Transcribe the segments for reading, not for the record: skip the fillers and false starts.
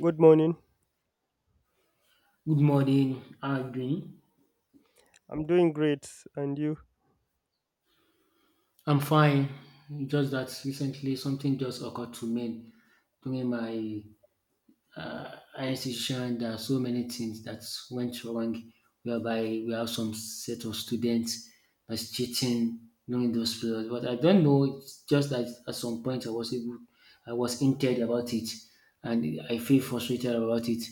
Good morning. Good morning. How are you doing? I'm doing great. And you? I'm fine. Just that recently something just occurred to me during my higher institution. There are so many things that went wrong, whereby we have some set of students that's cheating during those periods. But I don't know. It's just that at some point I was hinted about it, and I feel frustrated about it.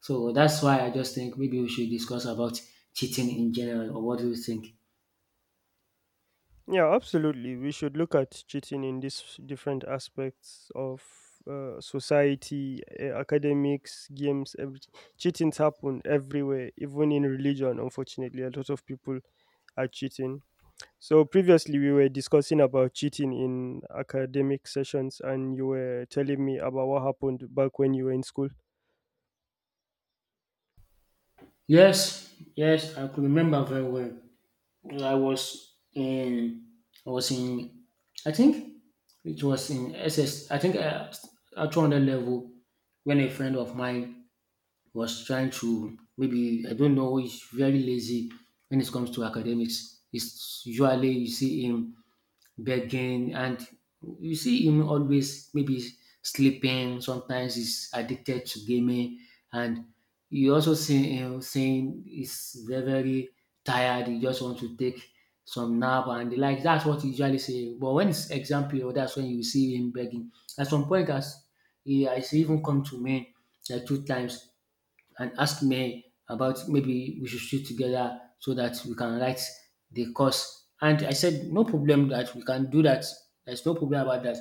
So that's why I just think maybe we should discuss about cheating in general, or what do you think? Yeah, absolutely. We should look at cheating in these different aspects of society, academics, games, everything. Cheatings happen everywhere, even in religion, unfortunately. A lot of people are cheating. So previously we were discussing about cheating in academic sessions, and you were telling me about what happened back when you were in school. Yes, yes, I could remember very well. I was in, I was in, I think it was in SS. I think at 200 level when a friend of mine was trying to, maybe I don't know, he's very lazy when it comes to academics. It's usually you see him begging, and you see him always maybe sleeping. Sometimes he's addicted to gaming, and you also see him saying he's very very tired. He just wants to take some nap and the like. That's what he usually say. But when it's exam period, that's when you see him begging. At some point, as he has even come to me like two times and asked me about maybe we should sit together so that we can write the course. And I said, no problem, that we can do that. There's no problem about that.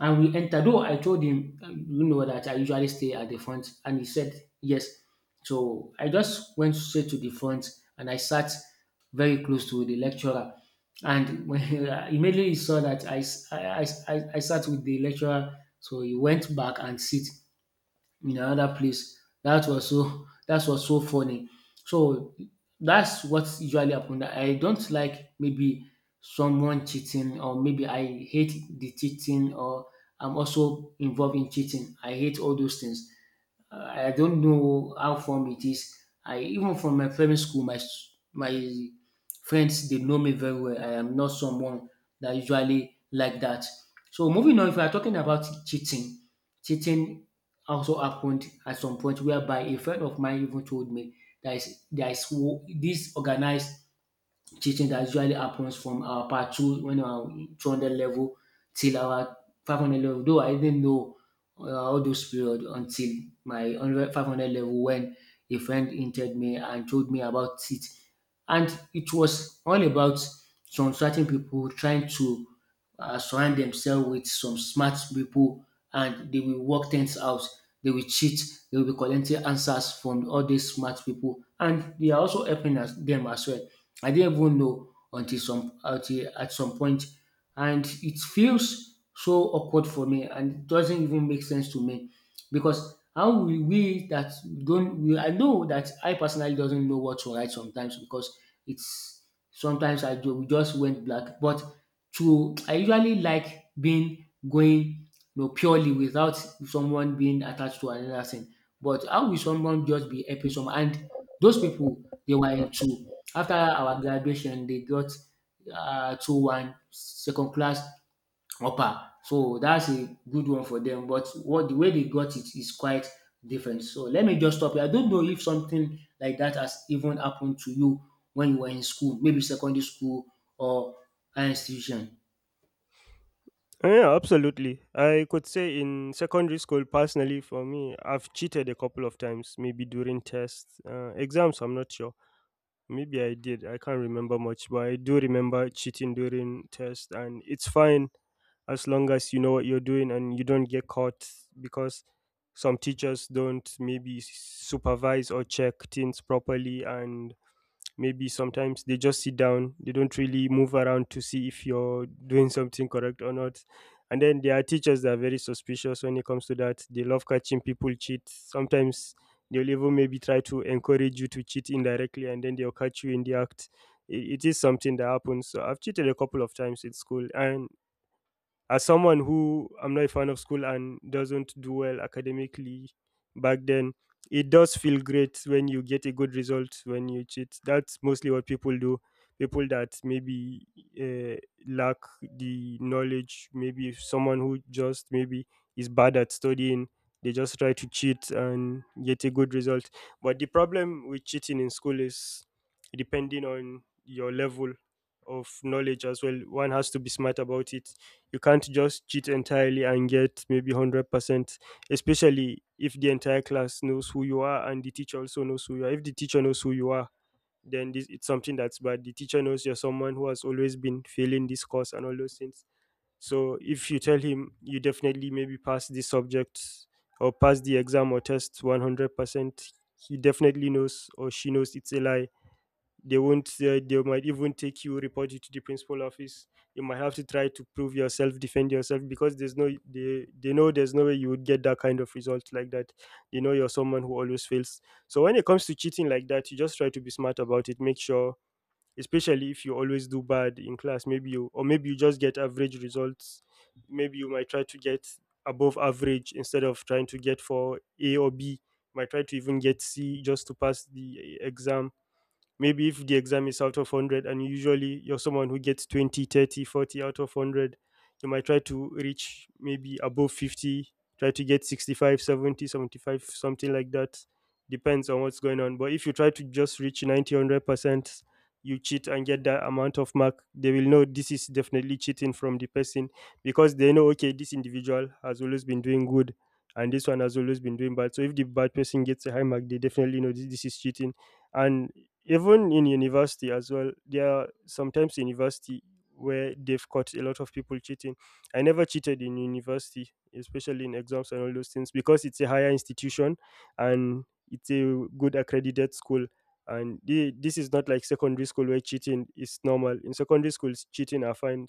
And we entered, though I told him, that I usually stay at the front. And he said, yes. So I just went straight to the front and I sat very close to the lecturer. And immediately he saw that I, s- I sat with the lecturer, so he went back and sit in another place. That was so funny. So that's what usually happen. I don't like maybe someone cheating, or maybe I hate the cheating, or I'm also involved in cheating. I hate all those things. I don't know how form it is. I even from my primary school, my friends, they know me very well. I am not someone that usually like that. So moving on, if we are talking about cheating, cheating also happened at some point whereby a friend of mine even told me that is, there is this organized teaching that usually happens from our part two when our 200 level till our 500 level. Though I didn't know, all those period until my 100, 500 level when a friend hinted me and told me about it. And it was all about some certain people trying to, surround themselves with some smart people and they will work things out. They will cheat. They will be collecting answers from all these smart people. And they are also helping us, them as well. I didn't even know until at some point, and it feels so awkward for me, and it doesn't even make sense to me, because how will we that don't we, I know that I personally doesn't know what to write sometimes, because it's sometimes I do, we just went black, but to I usually like being going, purely without someone being attached to another thing. But how will someone just be helping someone? And those people they were into, after our graduation, they got, 2:1 second class upper. So that's a good one for them. But what, the way they got it is quite different. So let me just stop here. I don't know if something like that has even happened to you when you were in school, maybe secondary school or higher institution. Yeah, absolutely. I could say in secondary school, personally, for me, I've cheated a couple of times, maybe during tests, exams, I'm not sure. Maybe I did. I can't remember much, but I do remember cheating during tests, and it's fine as long as you know what you're doing and you don't get caught, because some teachers don't maybe supervise or check things properly, and maybe sometimes they just sit down, they don't really move around to see if you're doing something correct or not. And then there are teachers that are very suspicious when it comes to that. They love catching people cheat sometimes. They'll even maybe try to encourage you to cheat indirectly, and then they'll catch you in the act. It is something that happens. So I've cheated a couple of times in school, and as someone who, I'm not a fan of school and doesn't do well academically back then, it does feel great when you get a good result when you cheat. That's mostly what people do. People that maybe uh, lack the knowledge, maybe if someone who just maybe is bad at studying, they just try to cheat and get a good result. But the problem with cheating in school is depending on your level of knowledge as well. One has to be smart about it. You can't just cheat entirely and get maybe 100%, especially if the entire class knows who you are and the teacher also knows who you are. If the teacher knows who you are, then it's something that's bad. The teacher knows you're someone who has always been failing this course and all those things. So if you tell him you definitely maybe pass this subject or pass the exam or test 100%, he definitely knows or she knows it's a lie. They won't, they might even take you, report you to the principal office. You might have to try to prove yourself, defend yourself, because there's no, they know there's no way you would get that kind of result like that. They know you're someone who always fails. So when it comes to cheating like that, you just try to be smart about it. Make sure, especially if you always do bad in class, maybe you, or maybe you just get average results, maybe you might try to get above average. Instead of trying to get for a or b, might try to even get c just to pass the exam. Maybe if the exam is out of 100 and usually you're someone who gets 20, 30, 40 out of 100, you might try to reach maybe above 50. Try to get 65, 70, 75, something like that, depends on what's going on. But if you try to just reach 90, 100%, you cheat and get that amount of mark, they will know this is definitely cheating from the person. Because they know, okay, this individual has always been doing good and this one has always been doing bad, so if the bad person gets a high mark, they definitely know this is cheating. And even in university as well, there are sometimes university where they've caught a lot of people cheating. I never cheated in university, especially in exams and all those things, because it's a higher institution and it's a good accredited school. And this is not like secondary school where cheating is normal. In secondary schools, cheating are fine.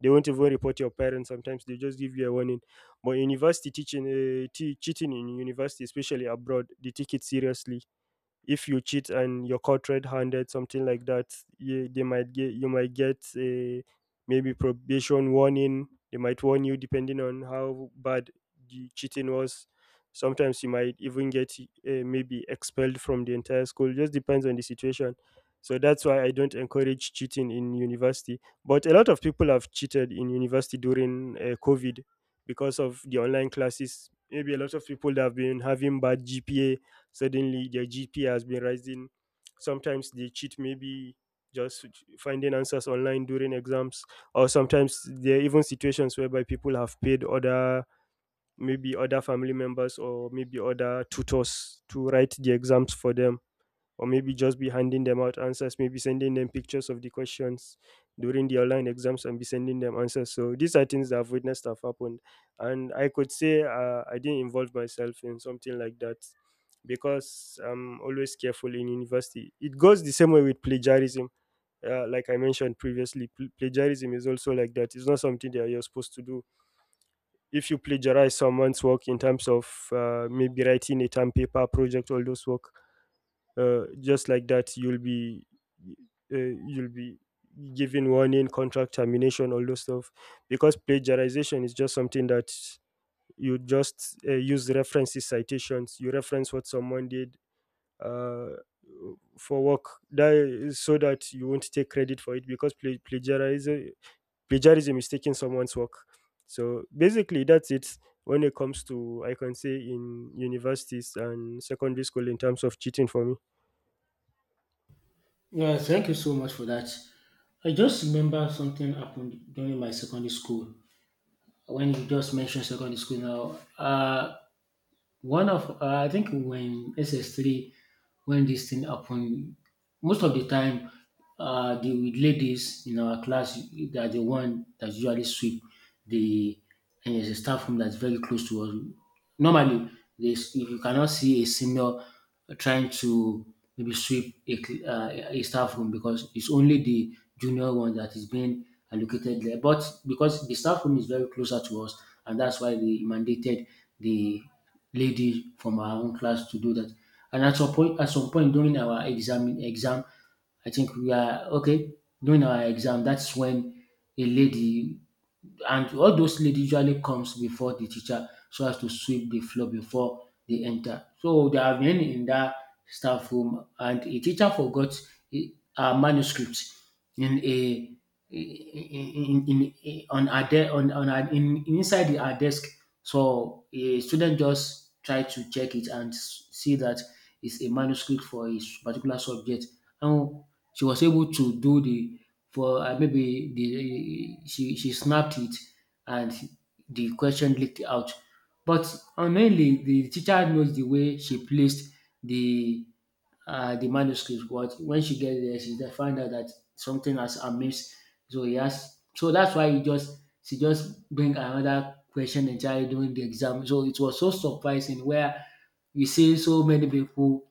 They won't even report your parents, sometimes they just give you a warning. But university teaching, cheating in university, especially abroad, they take it seriously. If you cheat and you're caught red-handed, something like that, they might get, you might get a maybe probation warning. They might warn you depending on how bad the cheating was. Sometimes you might even get maybe expelled from the entire school. Just depends on the situation. So that's why I don't encourage cheating in university. But a lot of people have cheated in university during COVID, because of the online classes. Maybe a lot of people that have been having bad GPA, suddenly their GPA has been rising. Sometimes they cheat, maybe just finding answers online during exams, or sometimes there are even situations whereby people have paid other, maybe other family members or maybe other tutors, to write the exams for them, or maybe just be handing them out answers, maybe sending them pictures of the questions during the online exams and be sending them answers. So these are things that I've witnessed have happened. And I could say, I didn't involve myself in something like that, because I'm always careful in university. It goes the same way with plagiarism. Like I mentioned previously, plagiarism is also like that. It's not something that you're supposed to do. If you plagiarize someone's work in terms of, maybe writing a term paper, project, all those work, just like that you'll be given warning, contract termination, all those stuff, because plagiarization is just something that you just use references, citations, you reference what someone did uh, for work, that is, so that you won't take credit for it. Because plagiarism is taking someone's work. So basically that's it when it comes to, I can say, in universities and secondary school in terms of cheating for me. Yeah, thank you so much for that. I just remember something happened during my secondary school. When you just mentioned secondary school now, One of I think when SS3, when this thing happened, most of the time, the ladies in our class, they are the one that usually sweep the, and there's a staff room that's very close to us. Normally, this, if you cannot see a senior trying to maybe sweep a staff room, because it's only the junior one that is being allocated there. But because the staff room is very closer to us, and that's why they mandated the lady from our own class to do that. And at some point during our exam, I think we are okay during our exam. That's when a lady and all those lady usually comes before the teacher so as to sweep the floor before they enter. So they have been in that staff room, and a teacher forgot a- her manuscript in a in, in on her de- on her, in, inside her desk. So a student just tried to check it and see that it's a manuscript for his particular subject. And she was able to, do the for maybe the she snapped it, and the question leaked out. But unknowingly, the teacher knows the way she placed the the manuscript. But when she gets there, she just find out that something has amiss. So, he has so that's why, he just she just bring another question entirely during the exam. So it was so surprising, where you see so many people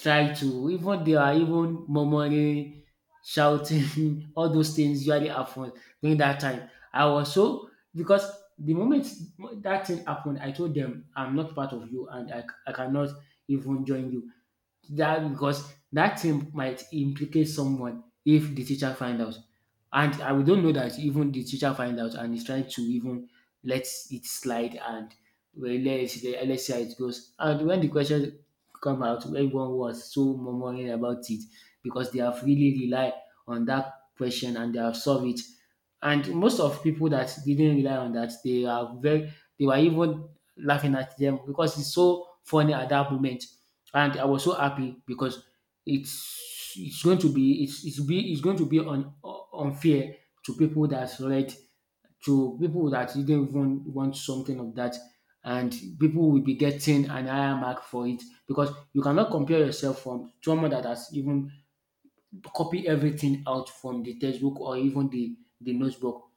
try to even they are even murmuring, shouting, all those things usually happen during that time. I was so, because the moment that thing happened, I told them I'm not part of you, and I cannot even join you, that because that thing might implicate someone if the teacher find out. And I we don't know that, even the teacher find out and is trying to even let it slide, and, well, let's see how it goes. And when the question come out, everyone was so murmuring about it, because they have really relied on that question and they have solved it. And most of people that didn't rely on that, they are very they were even laughing at them, because it's so funny at that moment. And I was so happy, because it's going to be it's be it's going to be unfair to people that read, to people that didn't even want something of that, and people will be getting an higher mark for it, because you cannot compare yourself from someone that has even copied everything out from the textbook or even the notebook,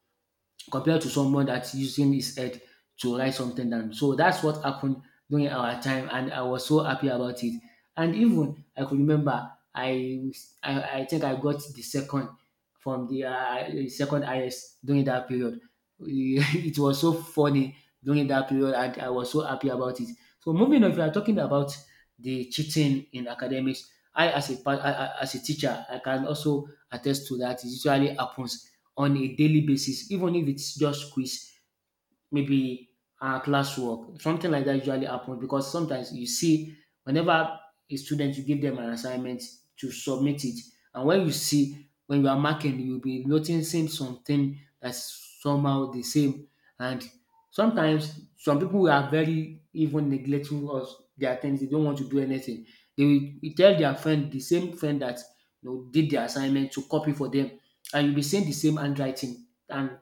compared to someone that's using his head to write something down. So that's what happened during our time, and I was so happy about it. And even I could remember, I think I got the second from the second highest during that period. It was so funny during that period, and I was so happy about it. So moving on, if you are talking about the cheating in academics, I as a pa- I- as a teacher, I can also attest to that. It usually happens on a daily basis, even if it's just quiz, maybe classwork, something like that usually happens, because sometimes you see, whenever a student, you give them an assignment to submit it, and when you are marking, you'll be noticing something that's somehow the same. And sometimes some people are very even neglectful of their things, they don't want to do anything. They will tell their friend, the same friend that, did the assignment, to copy for them, and you'll be seeing the same handwriting. And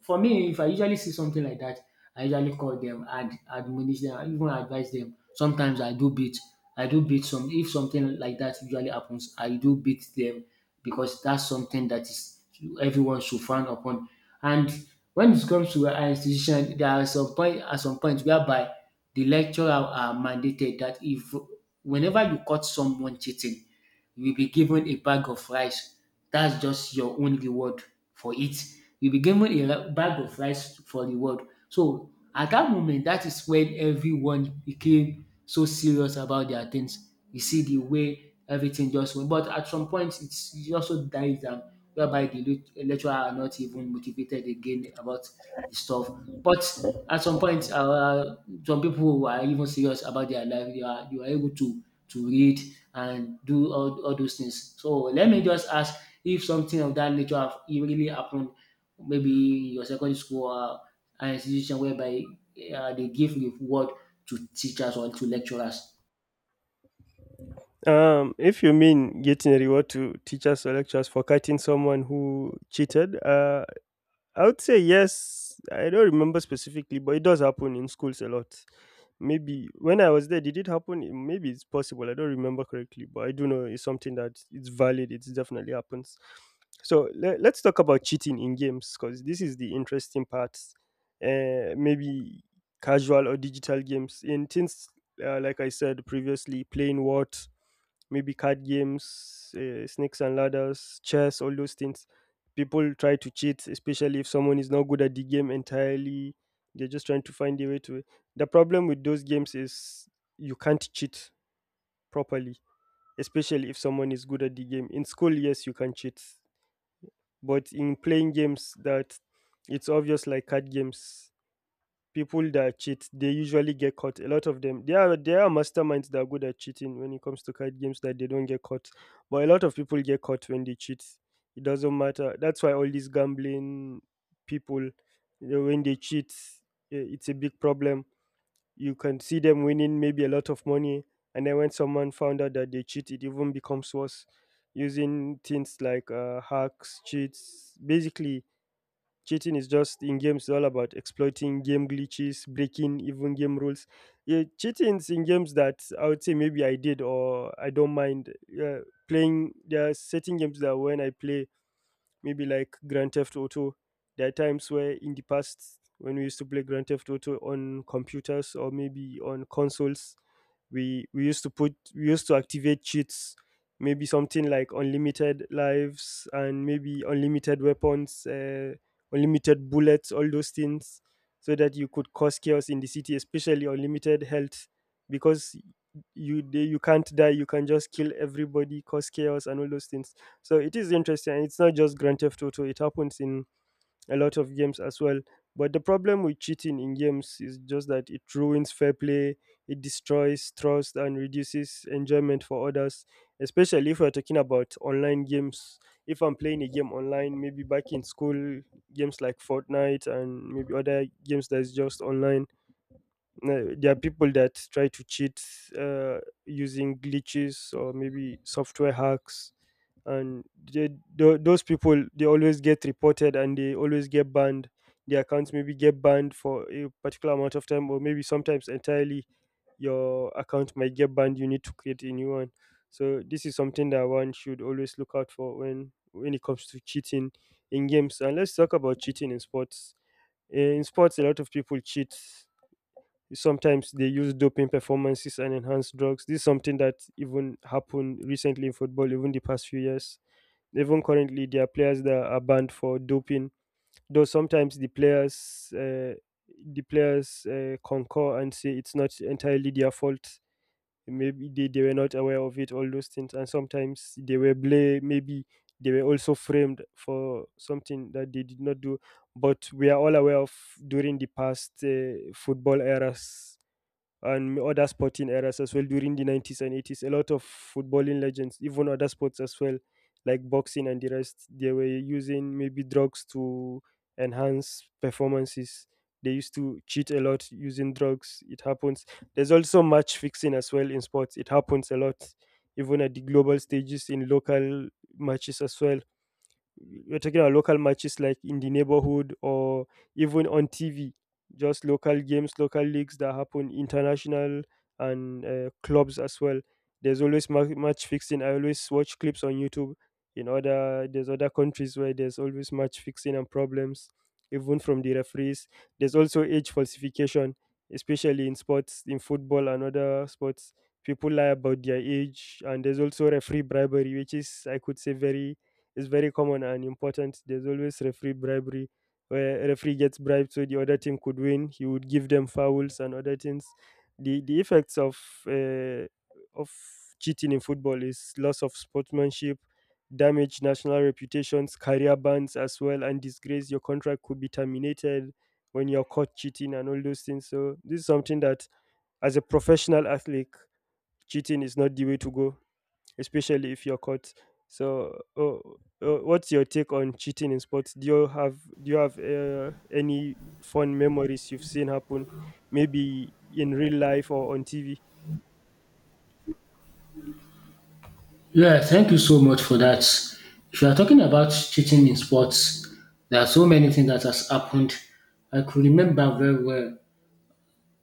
for me, if I usually see something like that, I usually call them and admonish them, I even advise them. Sometimes, I do beat some. If something like that usually happens, I do beat them, because that's something that is, everyone should frown upon. And when it comes to our institution, there are some point whereby the lecturer are mandated that if, whenever you caught someone cheating, you will be given a bag of rice. That's just your own reward for it. You'll be given a bag of rice for reward. So at that moment, that is when everyone became so serious about their things. You see the way everything just went. But at some point, it also dies down, whereby the lecturer are not even motivated again about the stuff. But at some point, some people who are even serious about their life, you are able to read and do all those things. So let me just ask, if something of that nature have it really happened, maybe in your secondary school or an institution whereby, they give reward to teachers or to lecturers. If you mean getting a reward to teachers or lecturers for catching someone who cheated, I would say yes. I don't remember specifically, but it does happen in schools a lot. Maybe when I was there, did it happen? Maybe it's possible. I don't remember correctly, but I do know it's something that it's valid. It definitely happens. So let's talk about cheating in games, because this is the interesting part. Maybe casual or digital games in things, like I said previously, playing what, maybe card games, snakes and ladders, chess, all those things. People try to cheat, especially if someone is not good at the game entirely. They're just trying to find a way to. The problem with those games is you can't cheat properly, especially if someone is good at the game. In school, yes, you can cheat, but in playing games that it's obvious, like card games, people that cheat, they usually get caught. A lot of them, there are masterminds that are good at cheating when it comes to card games, that they don't get caught. But a lot of people get caught when they cheat. It doesn't matter. That's why all these gambling people, you know, when they cheat, eh, it's a big problem. You can see them winning maybe a lot of money, and then when someone found out that they cheat, it even becomes worse. Using things like hacks, cheats, basically cheating is just in games all about exploiting game glitches, breaking even game rules. Yeah, cheating in games, that I would say maybe I did or I don't mind. Yeah, playing, there are certain games that when I play, maybe like Grand Theft Auto. There are times where in the past when we used to play Grand Theft Auto on computers or maybe on consoles, we used to activate cheats, maybe something like unlimited lives, and maybe unlimited weapons, unlimited bullets, all those things, so that you could cause chaos in the city, especially unlimited health, because you can't die, you can just kill everybody, cause chaos and all those things. So it is interesting. It's not just Grand Theft Auto. It happens in a lot of games as well. But the problem with cheating in games is just that it ruins fair play, it destroys trust, and reduces enjoyment for others. Especially if we're talking about online games. If I'm playing a game online, maybe back in school, games like Fortnite and maybe other games that's just online, there are people that try to cheat uh, using glitches or maybe software hacks, and they, those people, they always get reported and they always get banned. Their accounts maybe get banned for a particular amount of time or maybe sometimes entirely. Your account might get banned, you need to create a new one. So this is something that one should always look out for when it comes to cheating in games. And let's talk about cheating in sports. In sports, a lot of people cheat. Sometimes they use doping performances and enhanced drugs. This is something that even happened recently in football, even the past few years. Even currently, there are players that are banned for doping. Though sometimes the players, concur and say it's not entirely their fault. Maybe they were not aware of it, all those things, and sometimes they were blamed. Maybe they were also framed for something that they did not do, but we are all aware of, during the past football eras and other sporting eras as well, during the 90s and 80s. A lot of footballing legends, even other sports as well, like boxing and the rest, they were using maybe drugs to enhance performances. They used to cheat a lot using drugs. It happens. There's also match fixing as well in sports. It happens a lot, even at the global stages, in local matches as well. We're talking about local matches like in the neighborhood or even on TV, just local games, local leagues that happen, international and clubs as well. There's always match fixing. I always watch clips on YouTube. In other, there's other countries where there's always match fixing and problems, even from the referees. There's also age falsification, especially in sports, in football and other sports. People lie about their age, and there's also referee bribery, which is, I could say, very is very common and important. There's always referee bribery where a referee gets bribed so the other team could win. He would give them fouls and other things. The effects of uh, of cheating in football is loss of sportsmanship, damage national reputations, career bans as well, and disgrace. Your contract could be terminated when you're caught cheating and all those things. So this is something that, as a professional athlete, cheating is not the way to go, especially if you're caught. So, what's your take on cheating in sports? Do you have any fun memories you've seen happen, maybe in real life or on TV? Yeah, thank you so much for that. If you are talking about cheating in sports, there are so many things that has happened. I could remember very well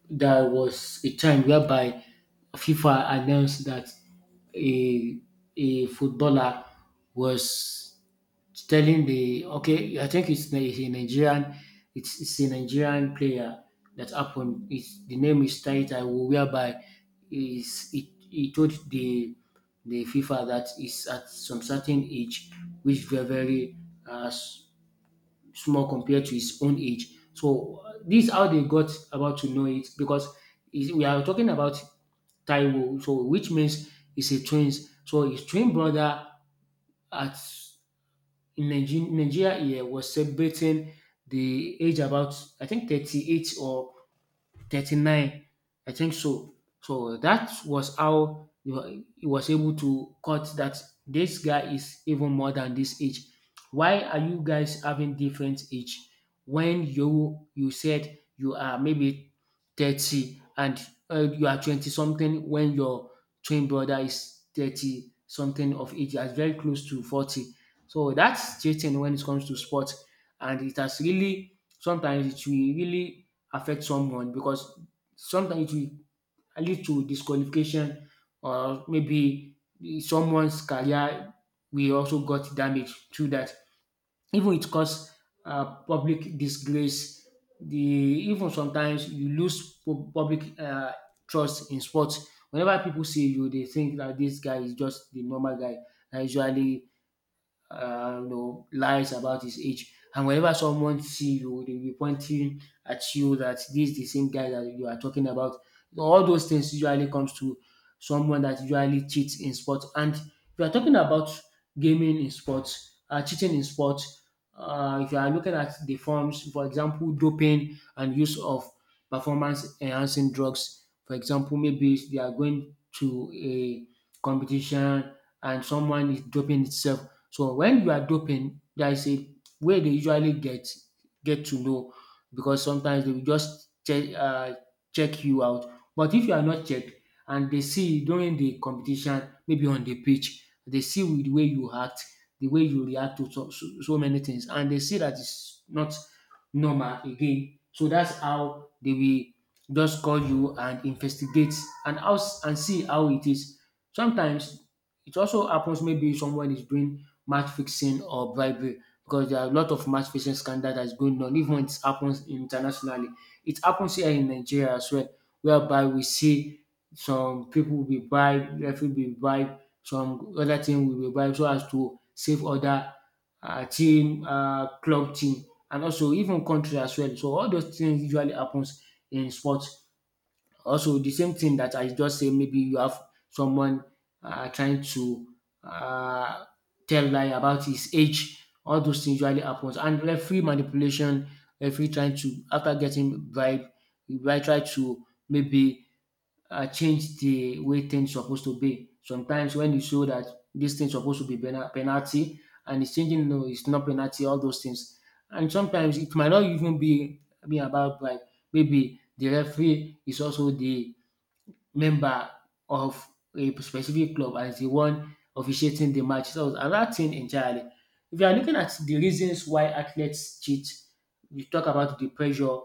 there was a time whereby FIFA announced that a a footballer was telling the okay, I think he's a Nigerian, it's a Nigerian player that happened. It's, the name is Taita, whereby is it he told the FIFA that is at some certain age, which is very uh, s- small compared to his own age. So this is how they got about to know it because we are talking about Taiwo, so which means he's a twins. So his twin brother at in Nigeria here was celebrating the age about I think 38 or 39. I think so. So that was how he was able to cut that. This guy is even more than this age. Why are you guys having different age when you said you are maybe 30 and you are 20 something when your twin brother is 30 something of age, that's very close to 40. So that's cheating when it comes to sports, and it has really sometimes it will really affect someone because sometimes it will lead to disqualification or maybe someone's career will also got damaged through that. Even it cause public disgrace. The even sometimes you lose public trust in sports. Whenever people see you, they think that this guy is just the normal guy. And usually you know, lies about his age. And whenever someone see you, they will be pointing at you that this is the same guy that you are talking about. You know, all those things usually comes to someone that usually cheats in sports. And if you are talking about gaming in sports, cheating in sports, if you are looking at the forms, for example, doping and use of performance enhancing drugs. For example, maybe they are going to a competition and someone is doping itself. So when you are doping, there is a way they usually get to know because sometimes they will just check you out. But if you are not checked and they see during the competition, maybe on the pitch, they see with the way you act, the way you react to so many things and they see that it's not normal again. So that's how they will just call you and investigate and how and see how it is. Sometimes it also happens maybe someone is doing match fixing or bribery because there are a lot of match fixing scandal that's going on. Even when it happens internationally, it happens here in Nigeria as well, whereby we see some people will be bribed, referee will be bribed, some other team will be bribed so as to save other team, club team, and also even country as well. So all those things usually happens in sport. Also, the same thing that I just say, maybe you have someone trying to uh, tell lie about his age. All those things usually happens. And referee manipulation, referee trying to after getting bribe, he might try to maybe change the way things supposed to be. Sometimes when you show that this thing supposed to be penalty and it's changing, no, it's not penalty. All those things. And sometimes it might not even be about like maybe the referee is also the member of a specific club and is the one officiating the match. So it's another thing entirely. If you are looking at the reasons why athletes cheat, you talk about the pressure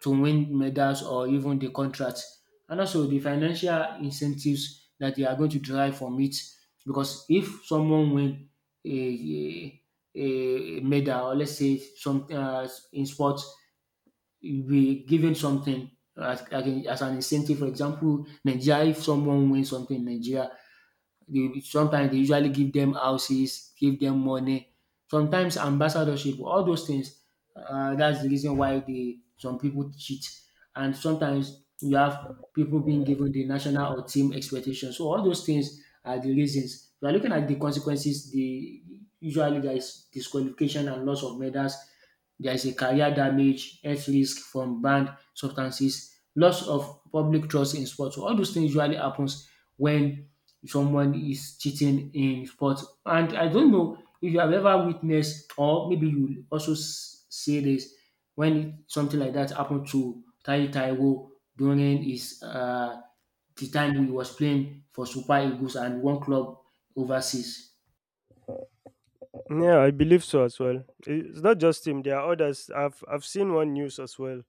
to win medals or even the contracts, and also the financial incentives that they are going to derive from it. Because if someone win a a medal, or let's say some in sport, you'll be given something as an incentive. For example, Nigeria, if someone wins something in Nigeria, they sometimes they usually give them houses, give them money. Sometimes ambassadorship, all those things dats de reason why dey some people cheat and sometimes you have people being given the national or team expectation. So all those things are the reasons. We are looking at the consequences, the usually there is disqualification and loss of medals, there is a career damage, health risk from banned substances, loss of public trust in sports. So all those things usually happens when someone is cheating in sports. And I don't know if you have ever witnessed, or maybe you also see this when something like that happened to Taiwo during his the time he was playing for Super Eagles and one club overseas. Yeah, I believe so as well. It's not just him. There are others. I've seen one news as well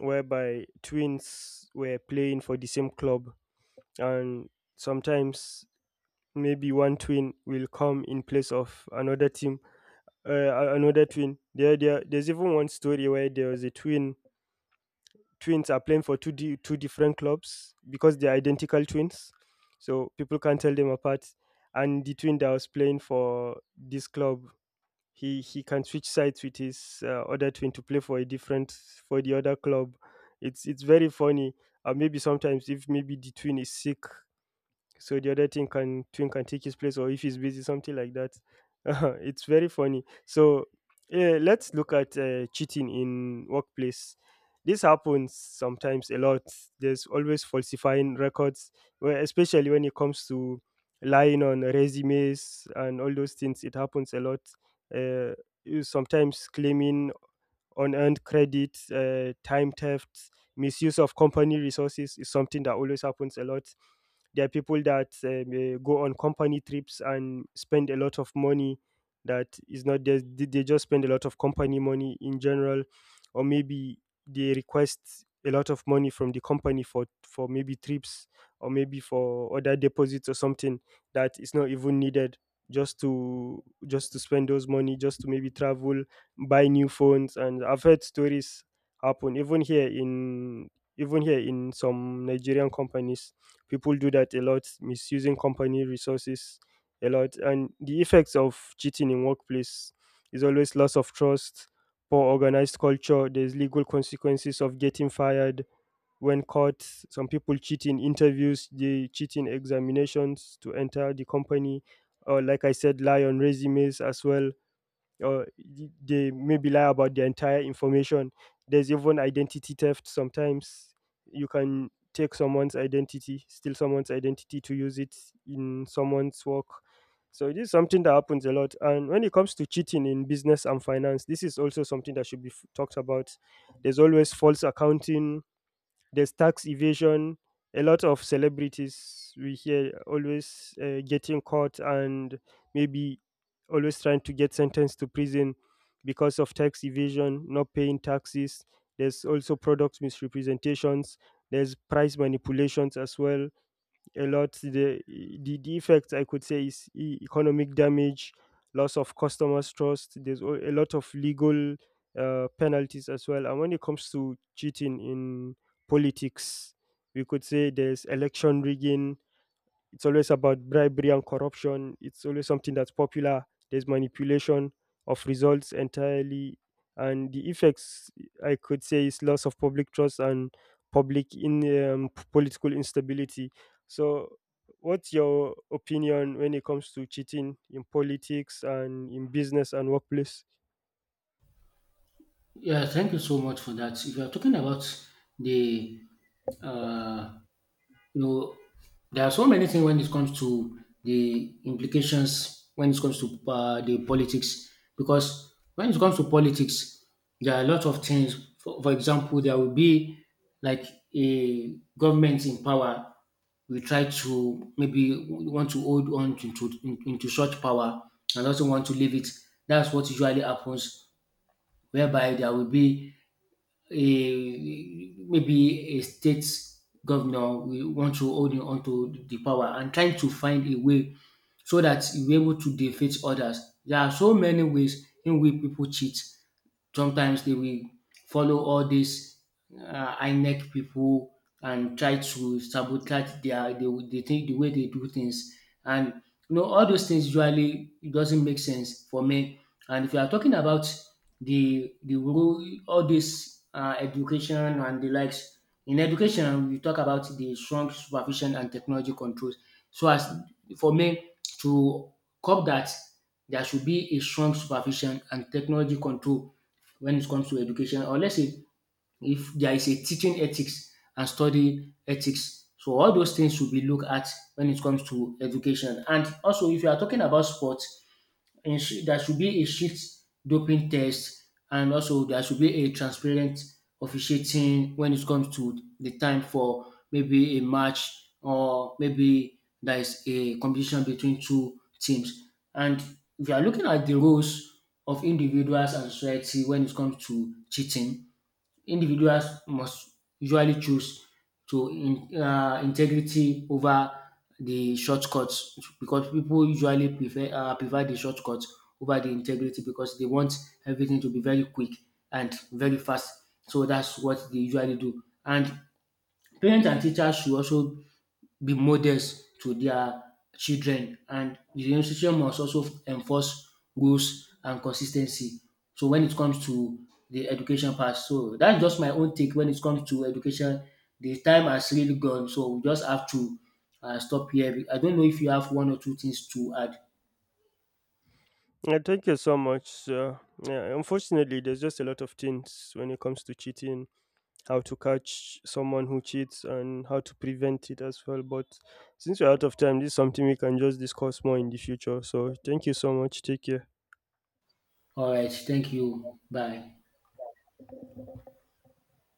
whereby twins were playing for the same club, and sometimes maybe one twin will come in place of another team, another twin. There's even one story where there was a twin. Twins are playing for two different clubs because they're identical twins, so people can't tell them apart. And the twin that was playing for this club, he can switch sides with his other twin to play for a different, for the other club. It's very funny. Maybe sometimes if maybe the twin is sick, so the other thing can twin can take his place, or if he's busy, something like that. It's very funny. So yeah, let's look at cheating in workplace. This happens sometimes a lot. There's always falsifying records, where especially when it comes to lying on resumes and all those things, it happens a lot. uh, you sometimes claiming unearned credit, time theft, misuse of company resources is something that always happens a lot. There are people that go on company trips and spend a lot of money that is not there. They just spend a lot of company money in general, or maybe they request a lot of money from the company for maybe trips or maybe for other deposits or something that is not even needed, just to spend those money, just to maybe travel, buy new phones. And I've heard stories happen even here in some Nigerian companies. People do that a lot, misusing company resources a lot. And the effects of cheating in workplace is always loss of trust, poor organized culture. There's legal consequences of getting fired when caught. Some people cheat in interviews, they cheat in examinations to enter the company. Or, like I said, lie on resumes as well, or they maybe lie about their entire information. There's even identity theft sometimes. You can take someone's identity, steal someone's identity to use it in someone's work. So it is something that happens a lot. And when it comes to cheating in business and finance, this is also something that should be talked about. There's always false accounting, there's tax evasion. A lot of celebrities we hear always getting caught and maybe always trying to get sentenced to prison because of tax evasion, not paying taxes. There's also product misrepresentations. There's price manipulations as well a lot. The effect I could say is economic damage, loss of customers' trust. There's a lot of legal penalties as well. And when it comes to cheating in politics, we could say there's election rigging, it's always about bribery and corruption. It's always something that's popular. There's manipulation of results entirely. And the effects, I could say, is loss of public trust and public in political instability. So, what's your opinion when it comes to cheating in politics and in business and workplace? Yeah, thank you so much for that. If you are talking about the uh, you know, there are so many things when it comes to the implications when it comes to the politics because when it comes to politics there are a lot of things for example there will be like a government in power will try to maybe want to hold on into such power and also want to leave it, that's what usually happens whereby there will be a maybe a state governor will want to hold on to the power and trying to find a way so that you will be able to defeat others. There are so many ways in which people cheat. Sometimes they will follow all these INEC people and try to sabotage their they think the way they do things and you know all those things usually it doesn't make sense for me. And if you are talking about the role all this education and the likes, in education we talk about the strong supervision and technology controls so as for me to curb that there should be a strong supervision and technology control when it comes to education. Or let's say if there is a teaching ethics and study ethics. So all those things should be looked at when it comes to education. And also if you are talking about sports, there should be a strict doping test and also there should be a transparent officiating when it comes to the time for maybe a match or maybe there is a competition between two teams. And if you are looking at the roles of individuals and society when it comes to cheating, individuals must usually choose to integrity over the shortcuts because people usually prefer prefer the shortcut over the integrity because they want everything to be very quick and very fast. So that's what they usually do. And parents and teachers should also be models to their children, and the institution must also enforce rules and consistency. So when it comes to the education part, so that's just my own take when it comes to education. The time has really gone, so we just have to stop here. I don't know if you have one or two things to add. Yeah, thank you so much. Yeah, unfortunately, there's just a lot of things when it comes to cheating, how to catch someone who cheats, and how to prevent it as well. But since we're out of time, this is something we can just discuss more in the future. So thank you so much. Take care. All right, thank you. Bye.